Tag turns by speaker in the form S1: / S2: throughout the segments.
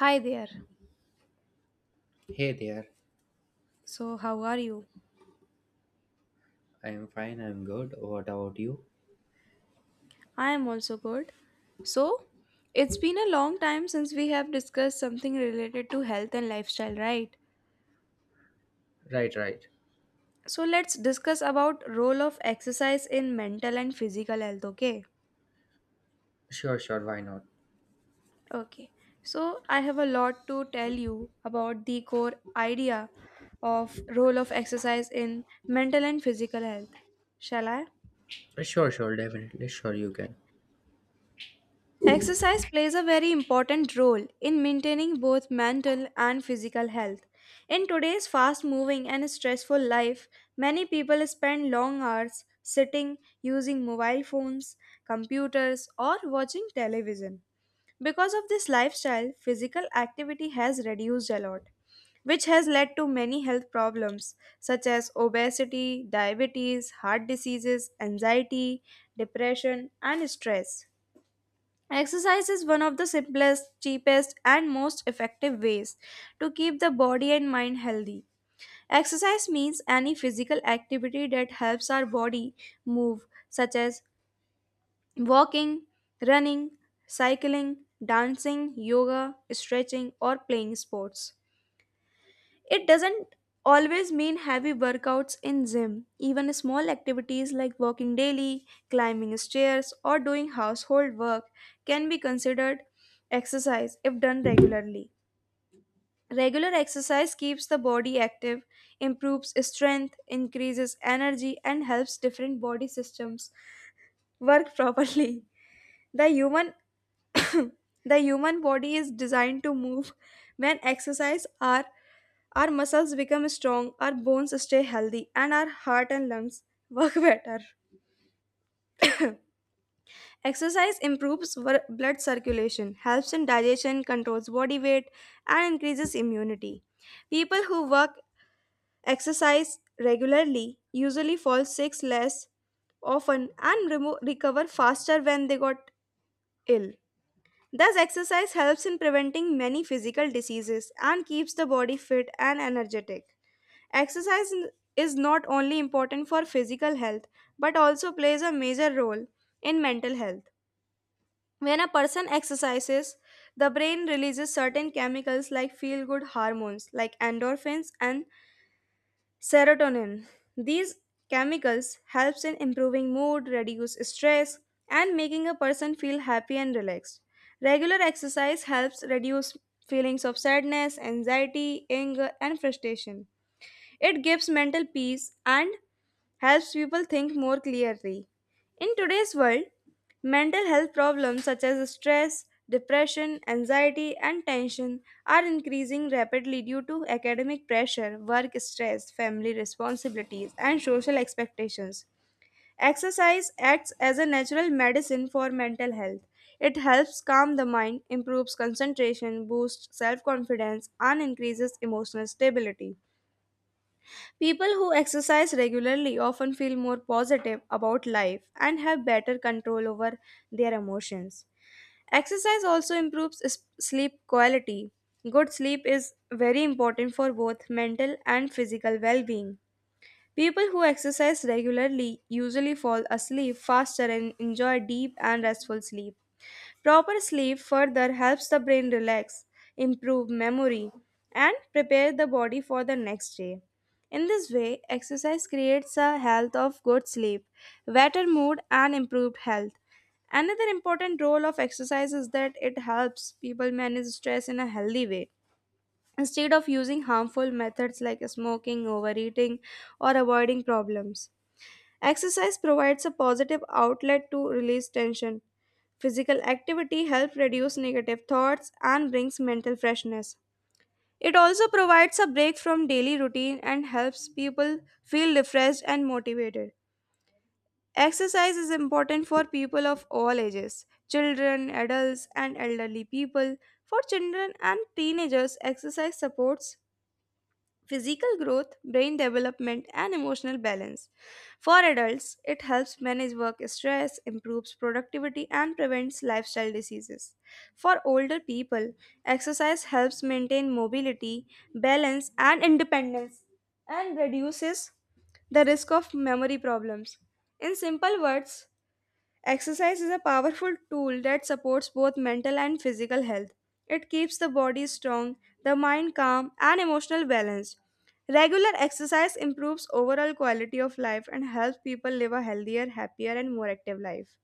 S1: Hi there.
S2: Hey there,
S1: So, how are you?
S2: I'm fine, I'm good. What about you?
S1: I am also good. So, it's been a long time since we have discussed something related to health and lifestyle, right?
S2: Right, right.
S1: So, let's discuss about role of exercise in mental and physical health, okay?
S2: Sure, sure. Why not?
S1: Okay. So, I have a lot to tell you about the core idea of role of exercise in mental and physical health. Shall I?
S2: Sure, sure. Definitely. Sure, you can.
S1: Exercise plays a very important role in maintaining both mental and physical health. In today's fast moving and stressful life, many people spend long hours sitting, using mobile phones, computers, or watching television. Because of this lifestyle, physical activity has reduced a lot, which has led to many health problems such as obesity, diabetes, heart diseases, anxiety, depression, and stress. Exercise is one of the simplest, cheapest, and most effective ways to keep the body and mind healthy. Exercise means any physical activity that helps our body move, such as walking, running, cycling, dancing, yoga, stretching, or playing sports. It doesn't always mean heavy workouts in gym. Even small activities like walking daily, climbing stairs, or doing household work can be considered exercise if done regularly. Regular exercise keeps the body active, improves strength, increases energy, and helps different body systems work properly. The human the human body is designed to move when exercise are. Our muscles become strong, our bones stay healthy, and our heart and lungs work better. Exercise improves blood circulation, helps in digestion, controls body weight, and increases immunity. People who work exercise regularly usually fall sick less often and recover faster when they got ill. Thus, exercise helps in preventing many physical diseases and keeps the body fit and energetic. Exercise is not only important for physical health but also plays a major role in mental health. When a person exercises, the brain releases certain chemicals like feel good hormones like endorphins and serotonin. These chemicals helps in improving mood, reduce stress and making a person feel happy and relaxed. Regular exercise helps reduce feelings of sadness, anxiety, anger and frustration. It gives mental peace and helps people think more clearly. In today's world, mental health problems such as stress, depression, anxiety, and tension are increasing rapidly due to academic pressure, work stress, family responsibilities, and social expectations. Exercise acts as a natural medicine for mental health. It helps calm the mind, improves concentration, boosts self confidence, and increases emotional stability. People who exercise regularly often feel more positive about life and have better control over their emotions. Exercise also improves sleep quality. Good sleep is very important for both mental and physical well being. People who exercise regularly usually fall asleep faster and enjoy deep and restful sleep. Proper sleep further helps the brain relax, improve memory, and prepare the body for the next day. In this way, exercise creates a health of good sleep, better mood, and improved health. Another important role of exercise is that it helps people manage stress in a healthy way. Instead of using harmful methods like smoking, overeating, or avoiding problems, exercise provides a positive outlet to release tension. Physical activity helps reduce negative thoughts and brings mental freshness. It also provides a break from daily routine and helps people feel refreshed and motivated. Exercise is important for people of all ages children, adults, and elderly people. For children and teenagers, exercise supports physical growth, brain development, and emotional balance. For adults, it helps manage work stress, improves productivity, and prevents lifestyle diseases. For older people, exercise helps maintain mobility, balance, and independence and reduces the risk of memory problems. In simple words, exercise is a powerful tool that supports both mental and physical health. It keeps the body strong, the mind calm, and emotional balanced. Regular exercise improves overall quality of life and helps people live a healthier, happier, and more active life.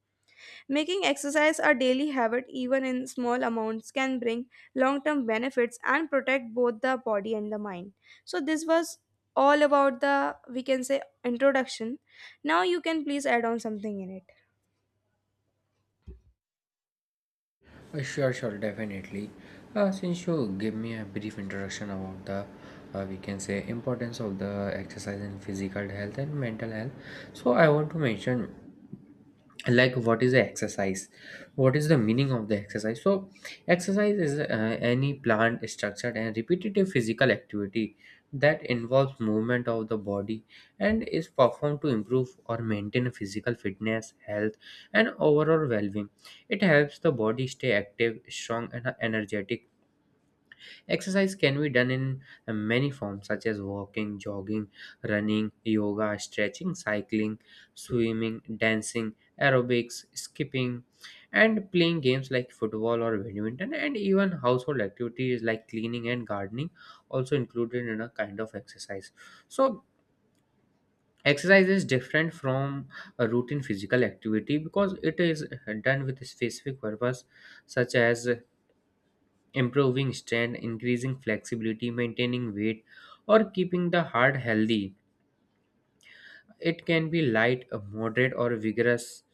S1: Making exercise a daily habit, even in small amounts, can bring long term benefits and protect both the body and the mind. So, this was all about the, we can say, introduction. Now, you can please add on something in it.
S2: Sure, sure. Definitely. Since you give me a brief introduction about the, we can say, importance of the exercise in physical health and mental health. So I want to mention like what is the exercise, what is the meaning of the exercise. So exercise is any planned, structured and repetitive physical activity that involves movement of the body and is performed to improve or maintain physical fitness, health and overall well-being. It helps the body stay active, strong and energetic. Exercise can be done in many forms, such as walking, jogging, running, yoga, stretching, cycling, swimming, dancing, aerobics, skipping, and playing games like football or badminton, and even household activities like cleaning and gardening also included in a kind of exercise. So exercise is different from a routine physical activity because it is done with a specific purpose, such as improving strength, increasing flexibility, maintaining weight, or keeping the heart healthy. It can be light, moderate, or vigorous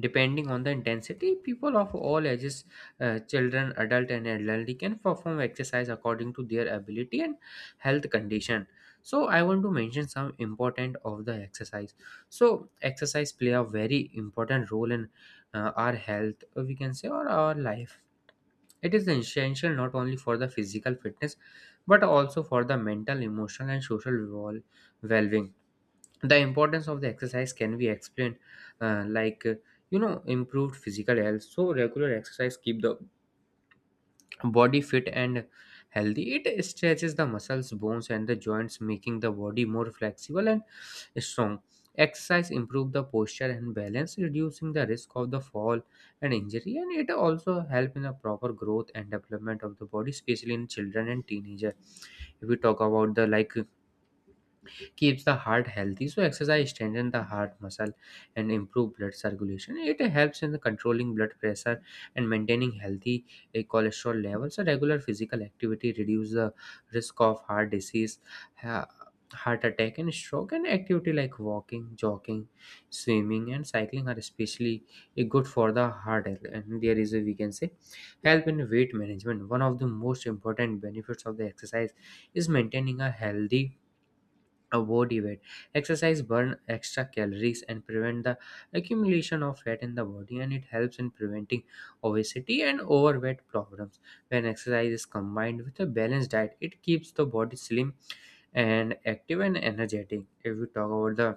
S2: depending on the intensity. People of all ages, children, adult, and elderly can perform exercise according to their ability and health condition. So I want to mention some important of the exercise. So exercise play a very important role in our health, we can say, or our life. It is essential not only for the physical fitness but also for the mental, emotional, and social well being. The importance of the exercise can be explained, uh, like uh, you know, improved physical health. So regular exercise keep the body fit and healthy. It stretches the muscles, bones and the joints, making the body more flexible and strong. Exercise improve the posture and balance, reducing the risk of the fall and injury, and it also help in the proper growth and development of the body, especially in children and teenager. If we talk about the, like, keeps the heart healthy. So exercise strengthens the heart muscle and improve blood circulation. It helps in the controlling blood pressure and maintaining healthy cholesterol levels. So regular physical activity reduces the risk of heart disease, ha- heart attack and stroke, and activity like walking, jogging, swimming and cycling are especially good for the heart health. And there is, a we can say, help in weight management. One of the most important benefits of the exercise is maintaining a healthy a body weight. Exercise burn extra calories and prevent the accumulation of fat in the body, and it helps in preventing obesity and overweight problems. When exercise is combined with a balanced diet, it keeps the body slim and active and energetic. If we talk about the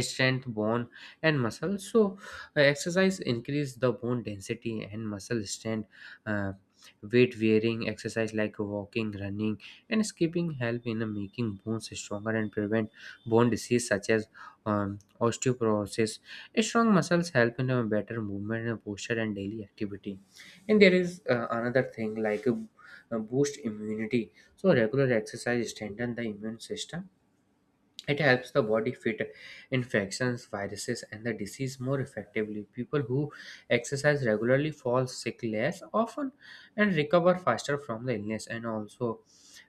S2: strength, bone and muscle, so exercise increase the bone density and muscle strength. Uh, weight wearing exercise like walking, running and skipping help in making bones stronger and prevent bone disease such as osteoporosis. Strong muscles help in a better movement and posture and daily activity. And there is another thing like boost immunity. So regular exercise strengthen the immune system. It helps the body fight infections, viruses, and the disease more effectively. People who exercise regularly fall sick less often and recover faster from the illness. And also,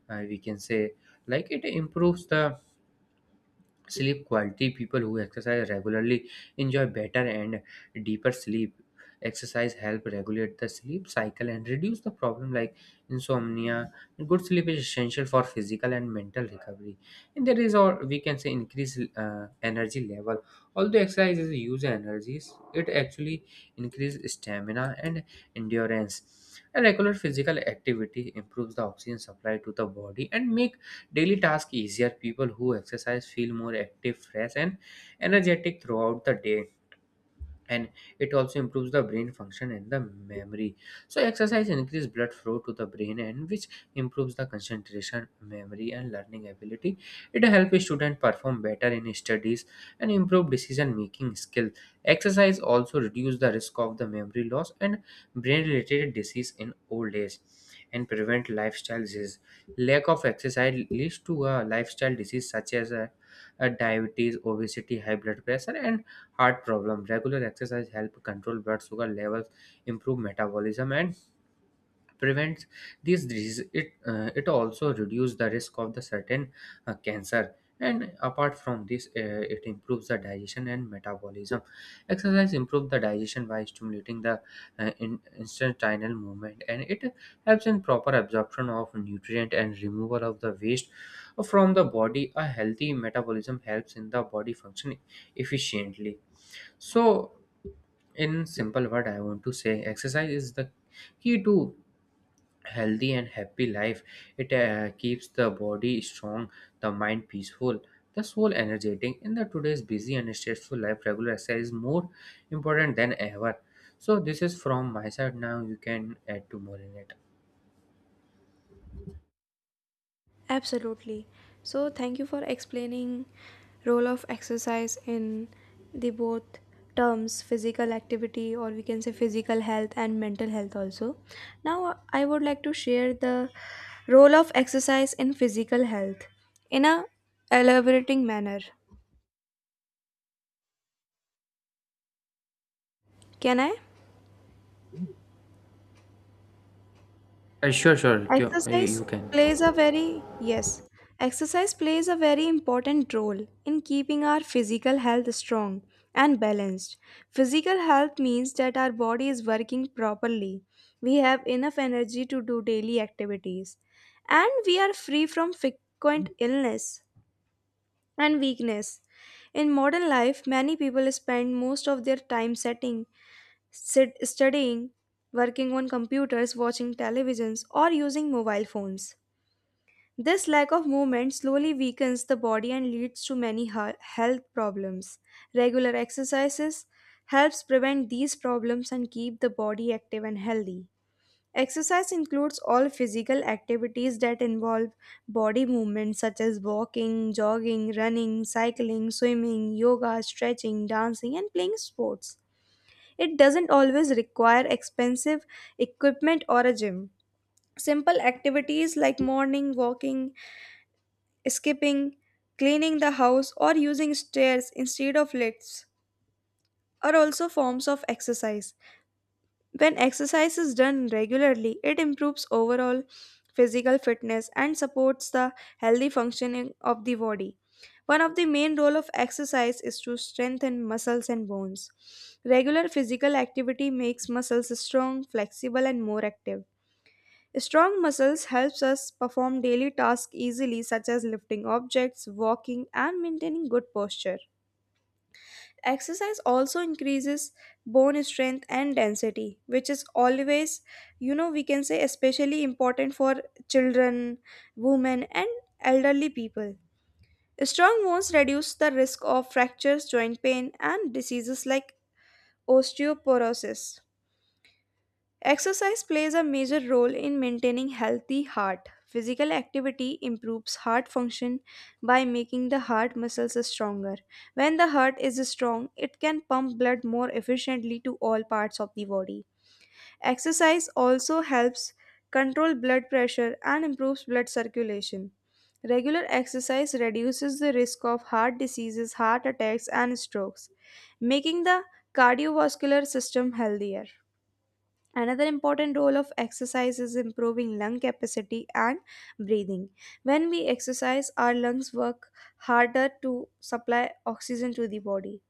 S2: we can say, like, it improves the sleep quality. People who exercise regularly enjoy better and deeper sleep. Exercise help regulate the sleep cycle and reduce the problem like insomnia. Good sleep is essential for physical and mental recovery. And there is, or we can say, increase energy level. Although exercise is use energies, it actually increase stamina and endurance. A regular physical activity improves the oxygen supply to the body and make daily tasks easier. People who exercise feel more active, fresh, and energetic throughout the day. And it also improves the brain function and the memory. So exercise increases blood flow to the brain, and which improves the concentration, memory and learning ability. It helps students perform better in studies and improve decision making skills. Exercise also reduces the risk of the memory loss and brain related disease in old age, and prevent lifestyle disease. Lack of exercise leads to a lifestyle disease such as a diabetes, obesity, high blood pressure and heart problem. Regular exercise help control blood sugar levels, improve metabolism, and prevents these diseases. It also reduces the risk of the certain cancer. And apart from this, it improves the digestion and metabolism. Exercise improves the digestion by stimulating the intestinal movement, and it helps in proper absorption of nutrient and removal of the waste from the body. A healthy metabolism helps in the body functioning efficiently. So in simple word, I want to say, exercise is the key to healthy and happy life. It keeps the body strong, the mind peaceful, the soul energetic. In the today's busy and stressful life, regular exercise is more important than ever. So this is from my side, now you can add to more in it.
S1: Absolutely. So thank you for explaining role of exercise in the both terms physical activity or we can say physical health and mental health also. Now I would like to share the role of exercise in physical health in a elaborating manner. Can I?
S2: Sure, sure, you
S1: Exercise
S2: can.
S1: plays a very yes, exercise plays a very important role in keeping our physical health strong and balanced. Physical health means that our body is working properly. We have enough energy to do daily activities and we are free from frequent illness and weakness. In modern life, many people spend most of their time sitting, studying, working on computers, watching televisions or using mobile phones. This lack of movement slowly weakens the body and leads to many health problems. Regular exercises helps prevent these problems and keep the body active and healthy. Exercise includes all physical activities that involve body movement such as walking, jogging, running, cycling, swimming, yoga, stretching, dancing and playing sports. It doesn't always require expensive equipment or a gym. Simple activities like morning walking, skipping, cleaning the house, or using stairs instead of lifts are also forms of exercise. When exercise is done regularly, it improves overall physical fitness and supports the healthy functioning of the body. One of the main role of exercise is to strengthen muscles and bones. Regular physical activity makes muscles strong, flexible and more active. Strong muscles helps us perform daily tasks easily such as lifting objects, walking and maintaining good posture. Exercise also increases bone strength and density which is always, you know, we can say especially important for children, women and elderly people. Strong bones reduce the risk of fractures, joint pain and diseases like osteoporosis. Exercise plays a major role in maintaining healthy heart. Physical activity improves heart function by making the heart muscles stronger. When the heart is strong, it can pump blood more efficiently to all parts of the body. Exercise also helps control blood pressure and improves blood circulation. Regular exercise reduces the risk of heart diseases, heart attacks, and strokes, making the cardiovascular system healthier. Another important role of exercise is improving lung capacity and breathing. When we exercise, our lungs work harder to supply oxygen to the body.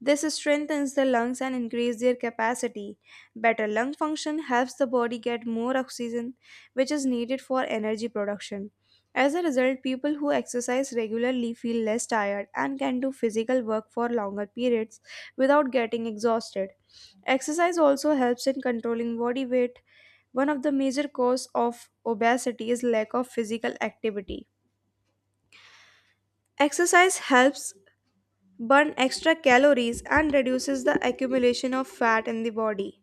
S1: This strengthens the lungs and increases their capacity. Better lung function helps the body get more oxygen, which is needed for energy production. As a result, people who exercise regularly feel less tired and can do physical work for longer periods without getting exhausted. Exercise also helps in controlling body weight. One of the major causes of obesity is lack of physical activity. Exercise helps burn extra calories and reduces the accumulation of fat in the body.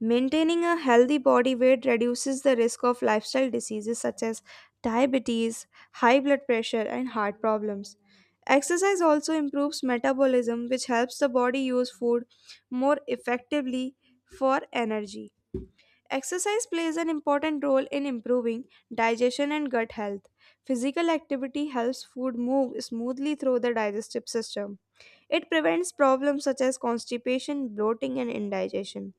S1: Maintaining a healthy body weight reduces the risk of lifestyle diseases such as diabetes, high blood pressure, and heart problems. Exercise also improves metabolism, which helps the body use food more effectively for energy. Exercise plays an important role in improving digestion and gut health. Physical activity helps food move smoothly through the digestive system. It prevents problems such as constipation, bloating, and indigestion.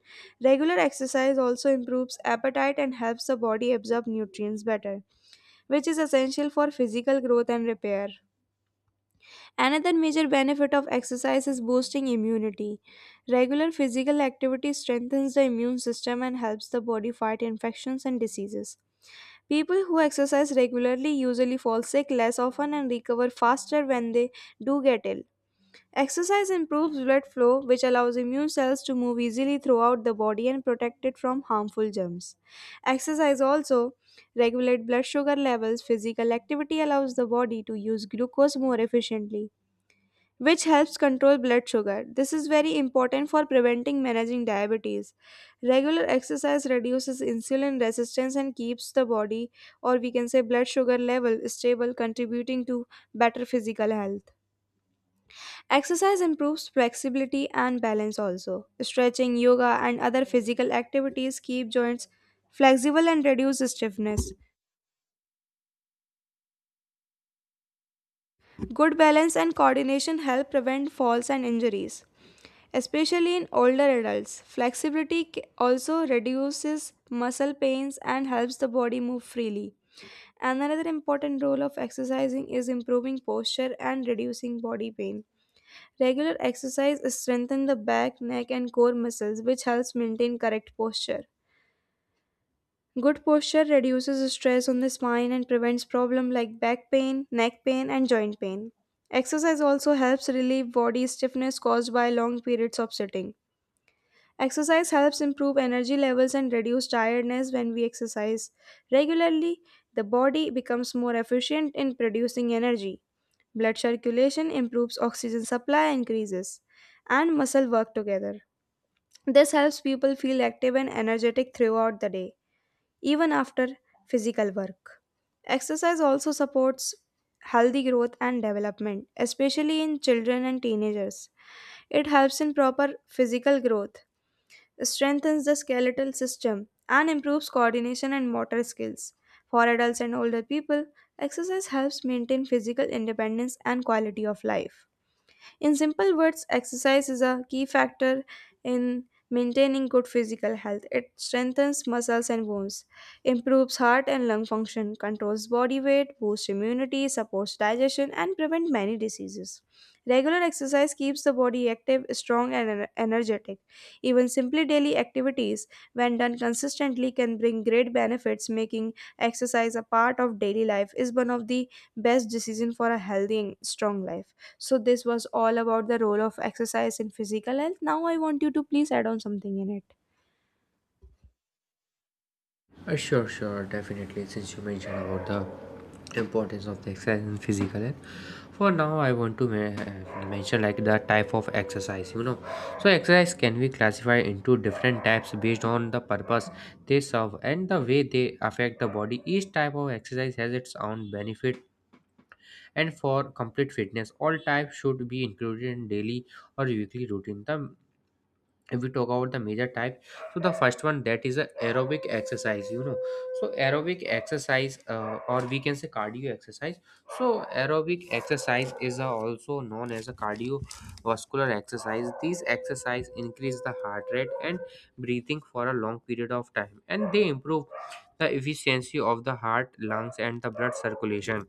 S1: Regular exercise also improves appetite and helps the body absorb nutrients better, which is essential for physical growth and repair. Another major benefit of exercise is boosting immunity. Regular physical activity strengthens the immune system and helps the body fight infections and diseases. People who exercise regularly usually fall sick less often and recover faster when they do get ill. Exercise improves blood flow, which allows immune cells to move easily throughout the body and protect it from harmful germs. Exercise also regulates blood sugar levels. Physical activity allows the body to use glucose more efficiently, which helps control blood sugar. This is very important for preventing managing diabetes. Regular exercise reduces insulin resistance and keeps the body, or we can say blood sugar level, stable, contributing to better physical health. Exercise improves flexibility and balance also. Stretching, yoga, and other physical activities keep joints flexible and reduce stiffness. Good balance and coordination help prevent falls and injuries, especially in older adults. Flexibility also reduces muscle pains and helps the body move freely. Another important role of exercising is improving posture and reducing body pain. Regular exercise strengthens the back, neck, and core muscles, which helps maintain correct posture. Good posture reduces stress on the spine and prevents problems like back pain, neck pain, and joint pain. Exercise also helps relieve body stiffness caused by long periods of sitting. Exercise helps improve energy levels and reduce tiredness when we exercise regularly. The body becomes more efficient in producing energy. Blood circulation improves, oxygen supply increases, and muscle work together. This helps people feel active and energetic throughout the day, even after physical work. Exercise also supports healthy growth and development, especially in children and teenagers. It helps in proper physical growth, strengthens the skeletal system, and improves coordination and motor skills. For adults and older people, exercise helps maintain physical independence and quality of life. In simple words, exercise is a key factor in maintaining good physical health. It strengthens muscles and bones, improves heart and lung function, controls body weight, boosts immunity, supports digestion, and prevents many diseases. Regular exercise keeps the body active, strong, and energetic. Even simply daily activities, when done consistently, can bring great benefits. Making exercise a part of daily life is one of the best decisions for a healthy and strong life. So this was all about the role of exercise in physical health. Now I want you to please add on something in it.
S2: Sure, sure, definitely. Since you mentioned about the importance of the exercise and physical health, for now I want to mention like the type of exercise, you know. So exercise can be classified into different types based on the purpose they serve and the way they affect the body. Each type of exercise has its own benefit, and for complete fitness, all types should be included in daily or weekly routine. The, if we talk about the major type, so the first one, that is a aerobic exercise, you know. So aerobic exercise, or we can say cardio exercise, so aerobic exercise is also known as a cardiovascular exercise. These exercise increase the heart rate and breathing for a long period of time, and they improve the efficiency of the heart, lungs and the blood circulation,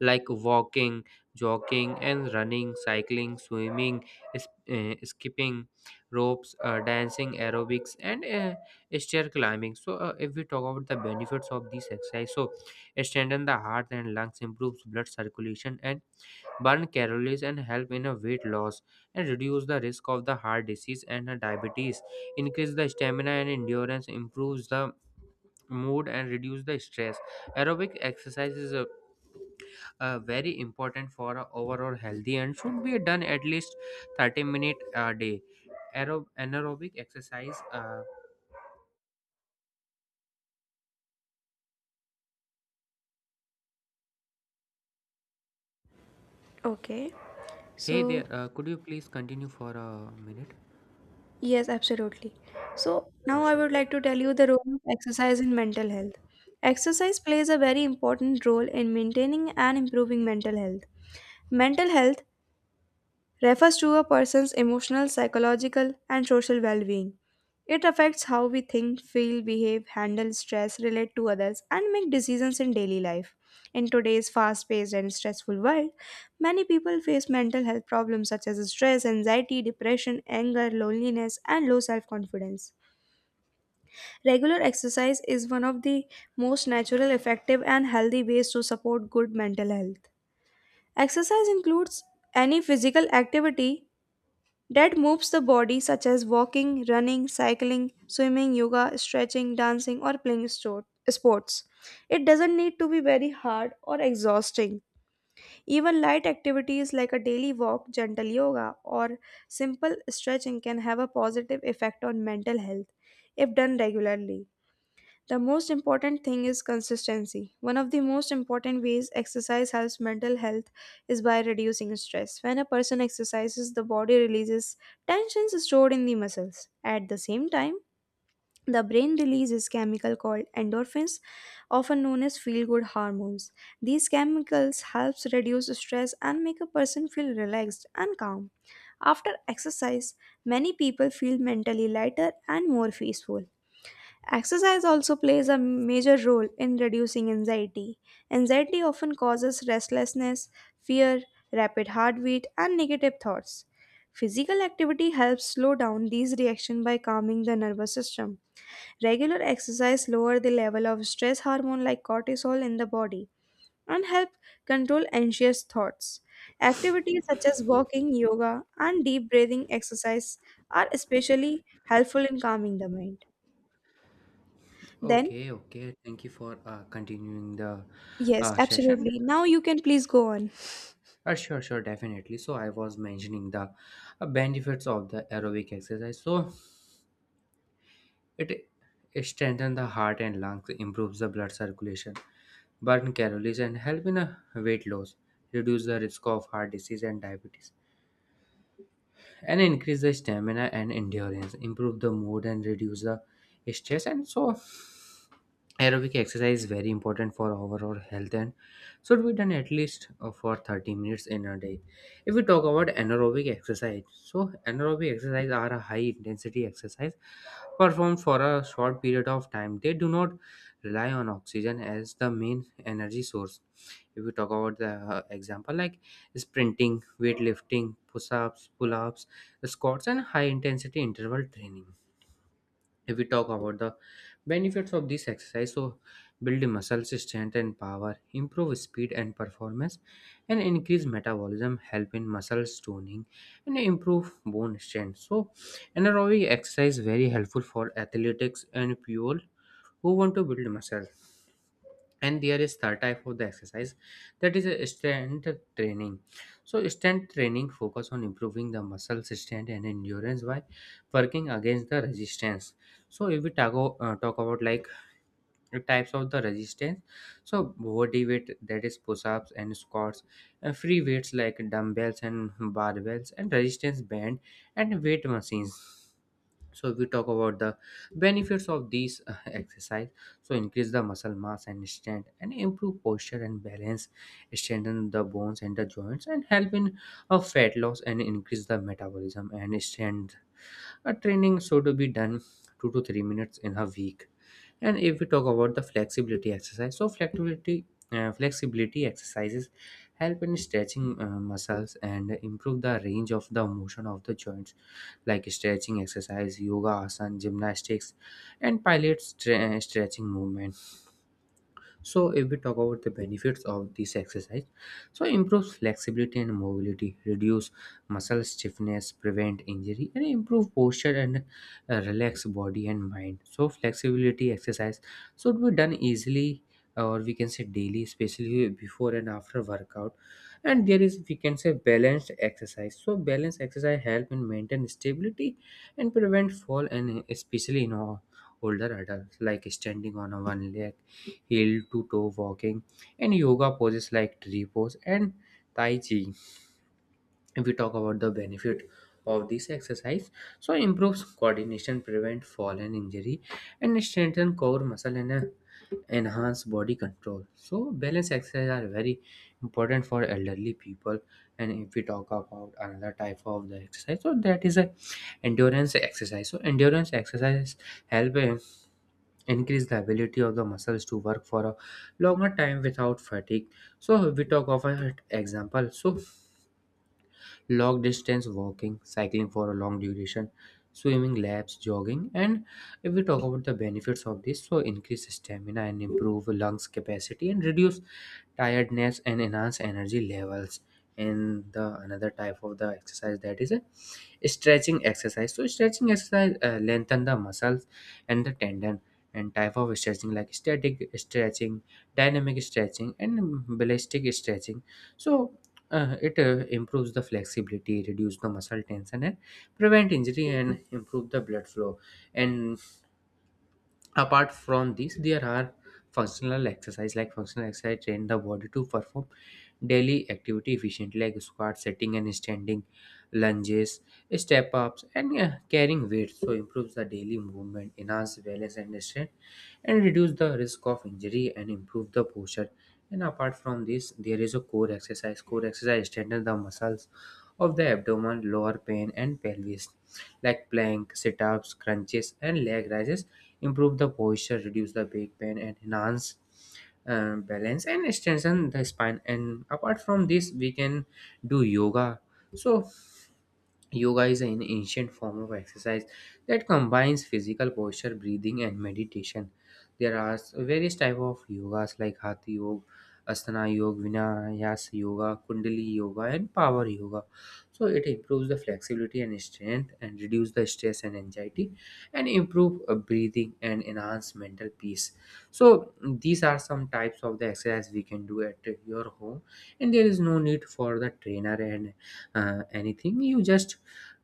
S2: like walking, jogging, and running, cycling, swimming, skipping ropes, dancing, aerobics, and stair climbing. So, if we talk about the benefits of these exercise, so strengthen the heart and lungs, improves blood circulation, and burn calories, and help in a weight loss, and reduce the risk of the heart disease and diabetes. Increase the stamina and endurance, improves the mood, and reduce the stress. Aerobic exercises. Very important for a overall healthy and should be done at least 30 minute a day. Anaerobic exercise,
S1: Okay.
S2: hey
S1: So,
S2: there, could you please continue for a minute?
S1: yes, absolutely. So, now
S2: Sure,
S1: I
S2: sure.
S1: would like to tell you the role of exercise in mental health. Exercise plays a very important role in maintaining and improving mental health. Mental health refers to a person's emotional, psychological, and social well being. It affects how we think, feel, behave, handle stress, relate to others, and make decisions in daily life. In today's fast paced and stressful world, many people face mental health problems such as stress, anxiety, depression, anger, loneliness, and low self confidence. Regular exercise is one of the most natural, effective, and healthy ways to support good mental health. Exercise includes any physical activity that moves the body, such as walking, running, cycling, swimming, yoga, stretching, dancing, or playing sports. It doesn't need to be very hard or exhausting. Even light activities like a daily walk, gentle yoga, or simple stretching can have a positive effect on mental health if done regularly. The most important thing is consistency. One of the most important ways exercise helps mental health is by reducing stress. When a person exercises, the body releases tensions stored in the muscles. At the same time, the brain releases chemical called endorphins, often known as feel-good hormones. These chemicals helps reduce stress and make a person feel relaxed and calm. After exercise, many people feel mentally lighter and more peaceful. Exercise also plays a major role in reducing anxiety. Anxiety often causes restlessness, fear, rapid heartbeat, and negative thoughts. Physical activity helps slow down these reactions by calming the nervous system. Regular exercise lowers the level of stress hormone like cortisol in the body and help control anxious thoughts. Activities such as walking, yoga, and deep breathing exercise are especially helpful in calming the mind. Then,
S2: Okay, okay, thank you for continuing the
S1: yes,
S2: session.
S1: absolutely. Now you can please go on.
S2: Sure, sure, definitely. So I was mentioning the benefits of the aerobic exercise. So it, it strengthens the heart and lungs, improves the blood circulation, burn calories and help in a weight loss, reduce the risk of heart disease and diabetes, and increase the stamina and endurance, improve the mood and reduce the stress. And so aerobic exercise is very important for our overall health and should be done at least for 30 minutes in a day. If we talk about anaerobic exercise, so anaerobic exercise are a high intensity exercise performed for a short period of time. They do not rely on oxygen as the main energy source. If we talk about the example, like sprinting, weightlifting, push-ups, pull-ups, squats and high intensity interval training. If we talk about the benefits of this exercise, so building muscles strength and power, improve speed and performance, and increase metabolism, help in muscles toning and improve bone strength. So anaerobic exercise very helpful for athletics and people who want to build muscle. And there is third type of the exercise, that is a strength training. So strength training focus on improving the muscle strength and endurance by working against the resistance. So if we talk about like the types of the resistance, so body weight, that is push-ups and squats, and free weights like dumbbells and barbells and resistance band, and weight machines. So if we talk about the benefits of these exercise, so increase the muscle mass and strength, and improve posture and balance, strengthen the bones and the joints, and help in fat loss and increase the metabolism and strength. A training should be done 2 to 3 minutes in a week. And if we talk about the flexibility exercise, so flexibility exercises help in stretching muscles and improve the range of the motion of the joints, like stretching exercise, yoga, asana, gymnastics, and pilates stretching movement. So if we talk about the benefits of this exercise, so improves flexibility and mobility, reduce muscle stiffness, prevent injury, and improve posture, and relax body and mind. So flexibility exercise should be done easily, or we can say daily, especially before and after workout. And there is, we can say, balanced exercise. So balanced exercise help in maintain stability and prevent fall, and especially in all older adults, like standing on a one leg, heel to toe walking, and yoga poses like tree pose and tai chi. If we talk about the benefit of this exercise, so improves coordination, prevent fall and injury, and strengthen core muscle, and enhance body control. So balance exercise are very important for elderly people. And if we talk about another type of the exercise, so that is a endurance exercise. So endurance exercise help increase the ability of the muscles to work for a longer time without fatigue. So we talk of an example, so long distance walking, cycling for a long duration, swimming laps, jogging. And if we talk about the benefits of this, so increase stamina and improve lungs capacity, and reduce tiredness and enhance energy levels. And the another type of the exercise, that is stretching exercise. So stretching exercise lengthen the muscles and the tendon, and type of stretching like static stretching, dynamic stretching and ballistic stretching. So it improves the flexibility, reduce the muscle tension and prevent injury and improve the blood flow. And apart from these, there are functional exercise. Like, functional exercise train the body to perform daily activity efficiently, like squat sitting and standing, lunges, step ups and carrying weights. So improves the daily movement, enhance balance and strength and reduce the risk of injury and improve the posture. And apart from this, there is a core exercise. Core exercise strengthens the muscles of the abdomen, lower pain and pelvis, like plank, sit-ups, crunches and leg raises. Improve the posture, reduce the back pain and enhance balance and strengthen the spine. And apart from this, we can do yoga. So yoga is an ancient form of exercise that combines physical posture, breathing, and meditation. There are various types of yogas like Hatha Yoga, Asana Yoga, Vinyasa Yoga, Kundalini Yoga, and Power Yoga. So it improves the flexibility and strength, and reduce the stress and anxiety, and improve breathing and enhance mental peace. So these are some types of the exercise we can do at your home, and there is no need for the trainer and anything. You just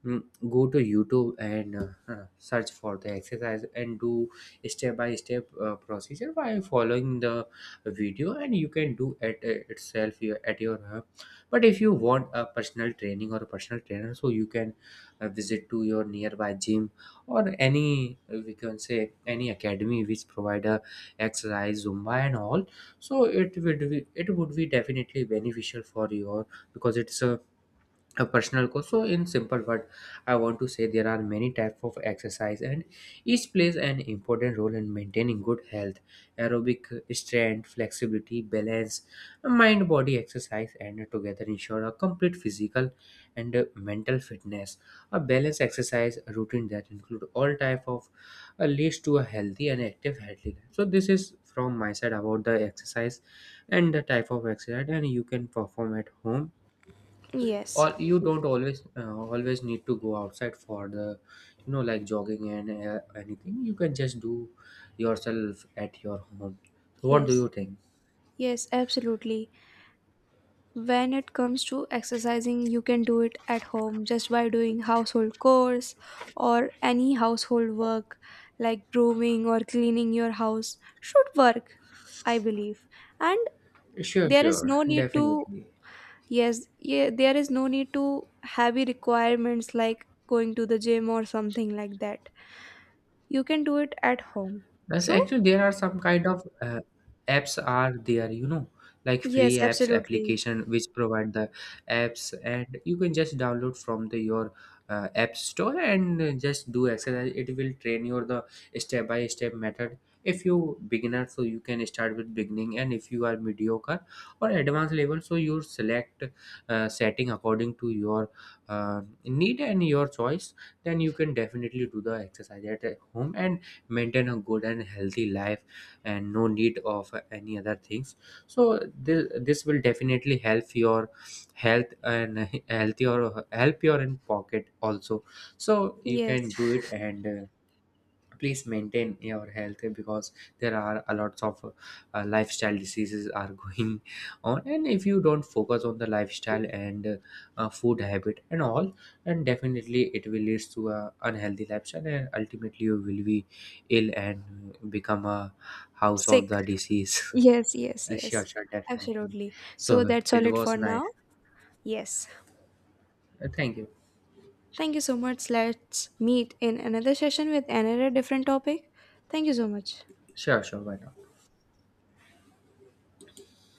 S2: mm, go to YouTube and search for the exercise and do step by step procedure by following the video, and you can do it at your home. But if you want a personal training or a personal trainer, so you can visit to your nearby gym, or any we can say any academy which provide a exercise, zumba and all. So it would be definitely beneficial for you because it's a personal goal. So in simple word, I want to say there are many types of exercise, and each plays an important role in maintaining good health. Aerobic, strength, flexibility, balance, mind body exercise, and together ensure a complete physical and mental fitness. A balanced exercise routine that include all type of leads to a healthy and active healthy life. So this is from my side about the exercise and the type of exercise, and you can perform at home,
S1: Yes,
S2: or you don't always always need to go outside for the, you know, like jogging and anything. You can just do yourself at your home. So what do you
S1: yes,
S2: think?
S1: yes, absolutely. When it comes to exercising, you can do it at home just by doing household chores or any household work like brooming or cleaning your house should work, I believe. And
S2: Sure,
S1: there is
S2: sure,
S1: no need to,
S2: definitely.
S1: yes, yeah, there is no need to heavy requirements like going to the gym or something like that. You can do it at home.
S2: Yes,
S1: So,
S2: actually, there are some kind of apps are there, you know, like free
S1: yes,
S2: apps
S1: absolutely.
S2: application which provide the apps, and you can just download from the your app store and just do exercise. It will train your the step by step method. If you beginner, so you can start with beginning, and if you are mediocre or advanced level, so you select setting according to your need and your choice. Then you can definitely do the exercise at home and maintain a good and healthy life, and no need of any other things. So this will definitely help your health and healthier, help your in pocket also. So you
S1: Yes.
S2: can do it, and please maintain your health, because there are a lots of lifestyle diseases are going on. And if you don't focus on the lifestyle and food habit and all, then definitely it will lead to a unhealthy lifestyle, and ultimately you will be ill and become a house of
S1: Sick.
S2: the disease.
S1: Yes, yes,
S2: Sure,
S1: yes.
S2: sure, definitely.
S1: Absolutely. So
S2: So
S1: that's all
S2: it
S1: it
S2: was
S1: for
S2: nice.
S1: now. Yes.
S2: Thank you.
S1: Thank you so much. Let's meet in another session with another different topic. Thank you so much.
S2: Sure, sure, why not.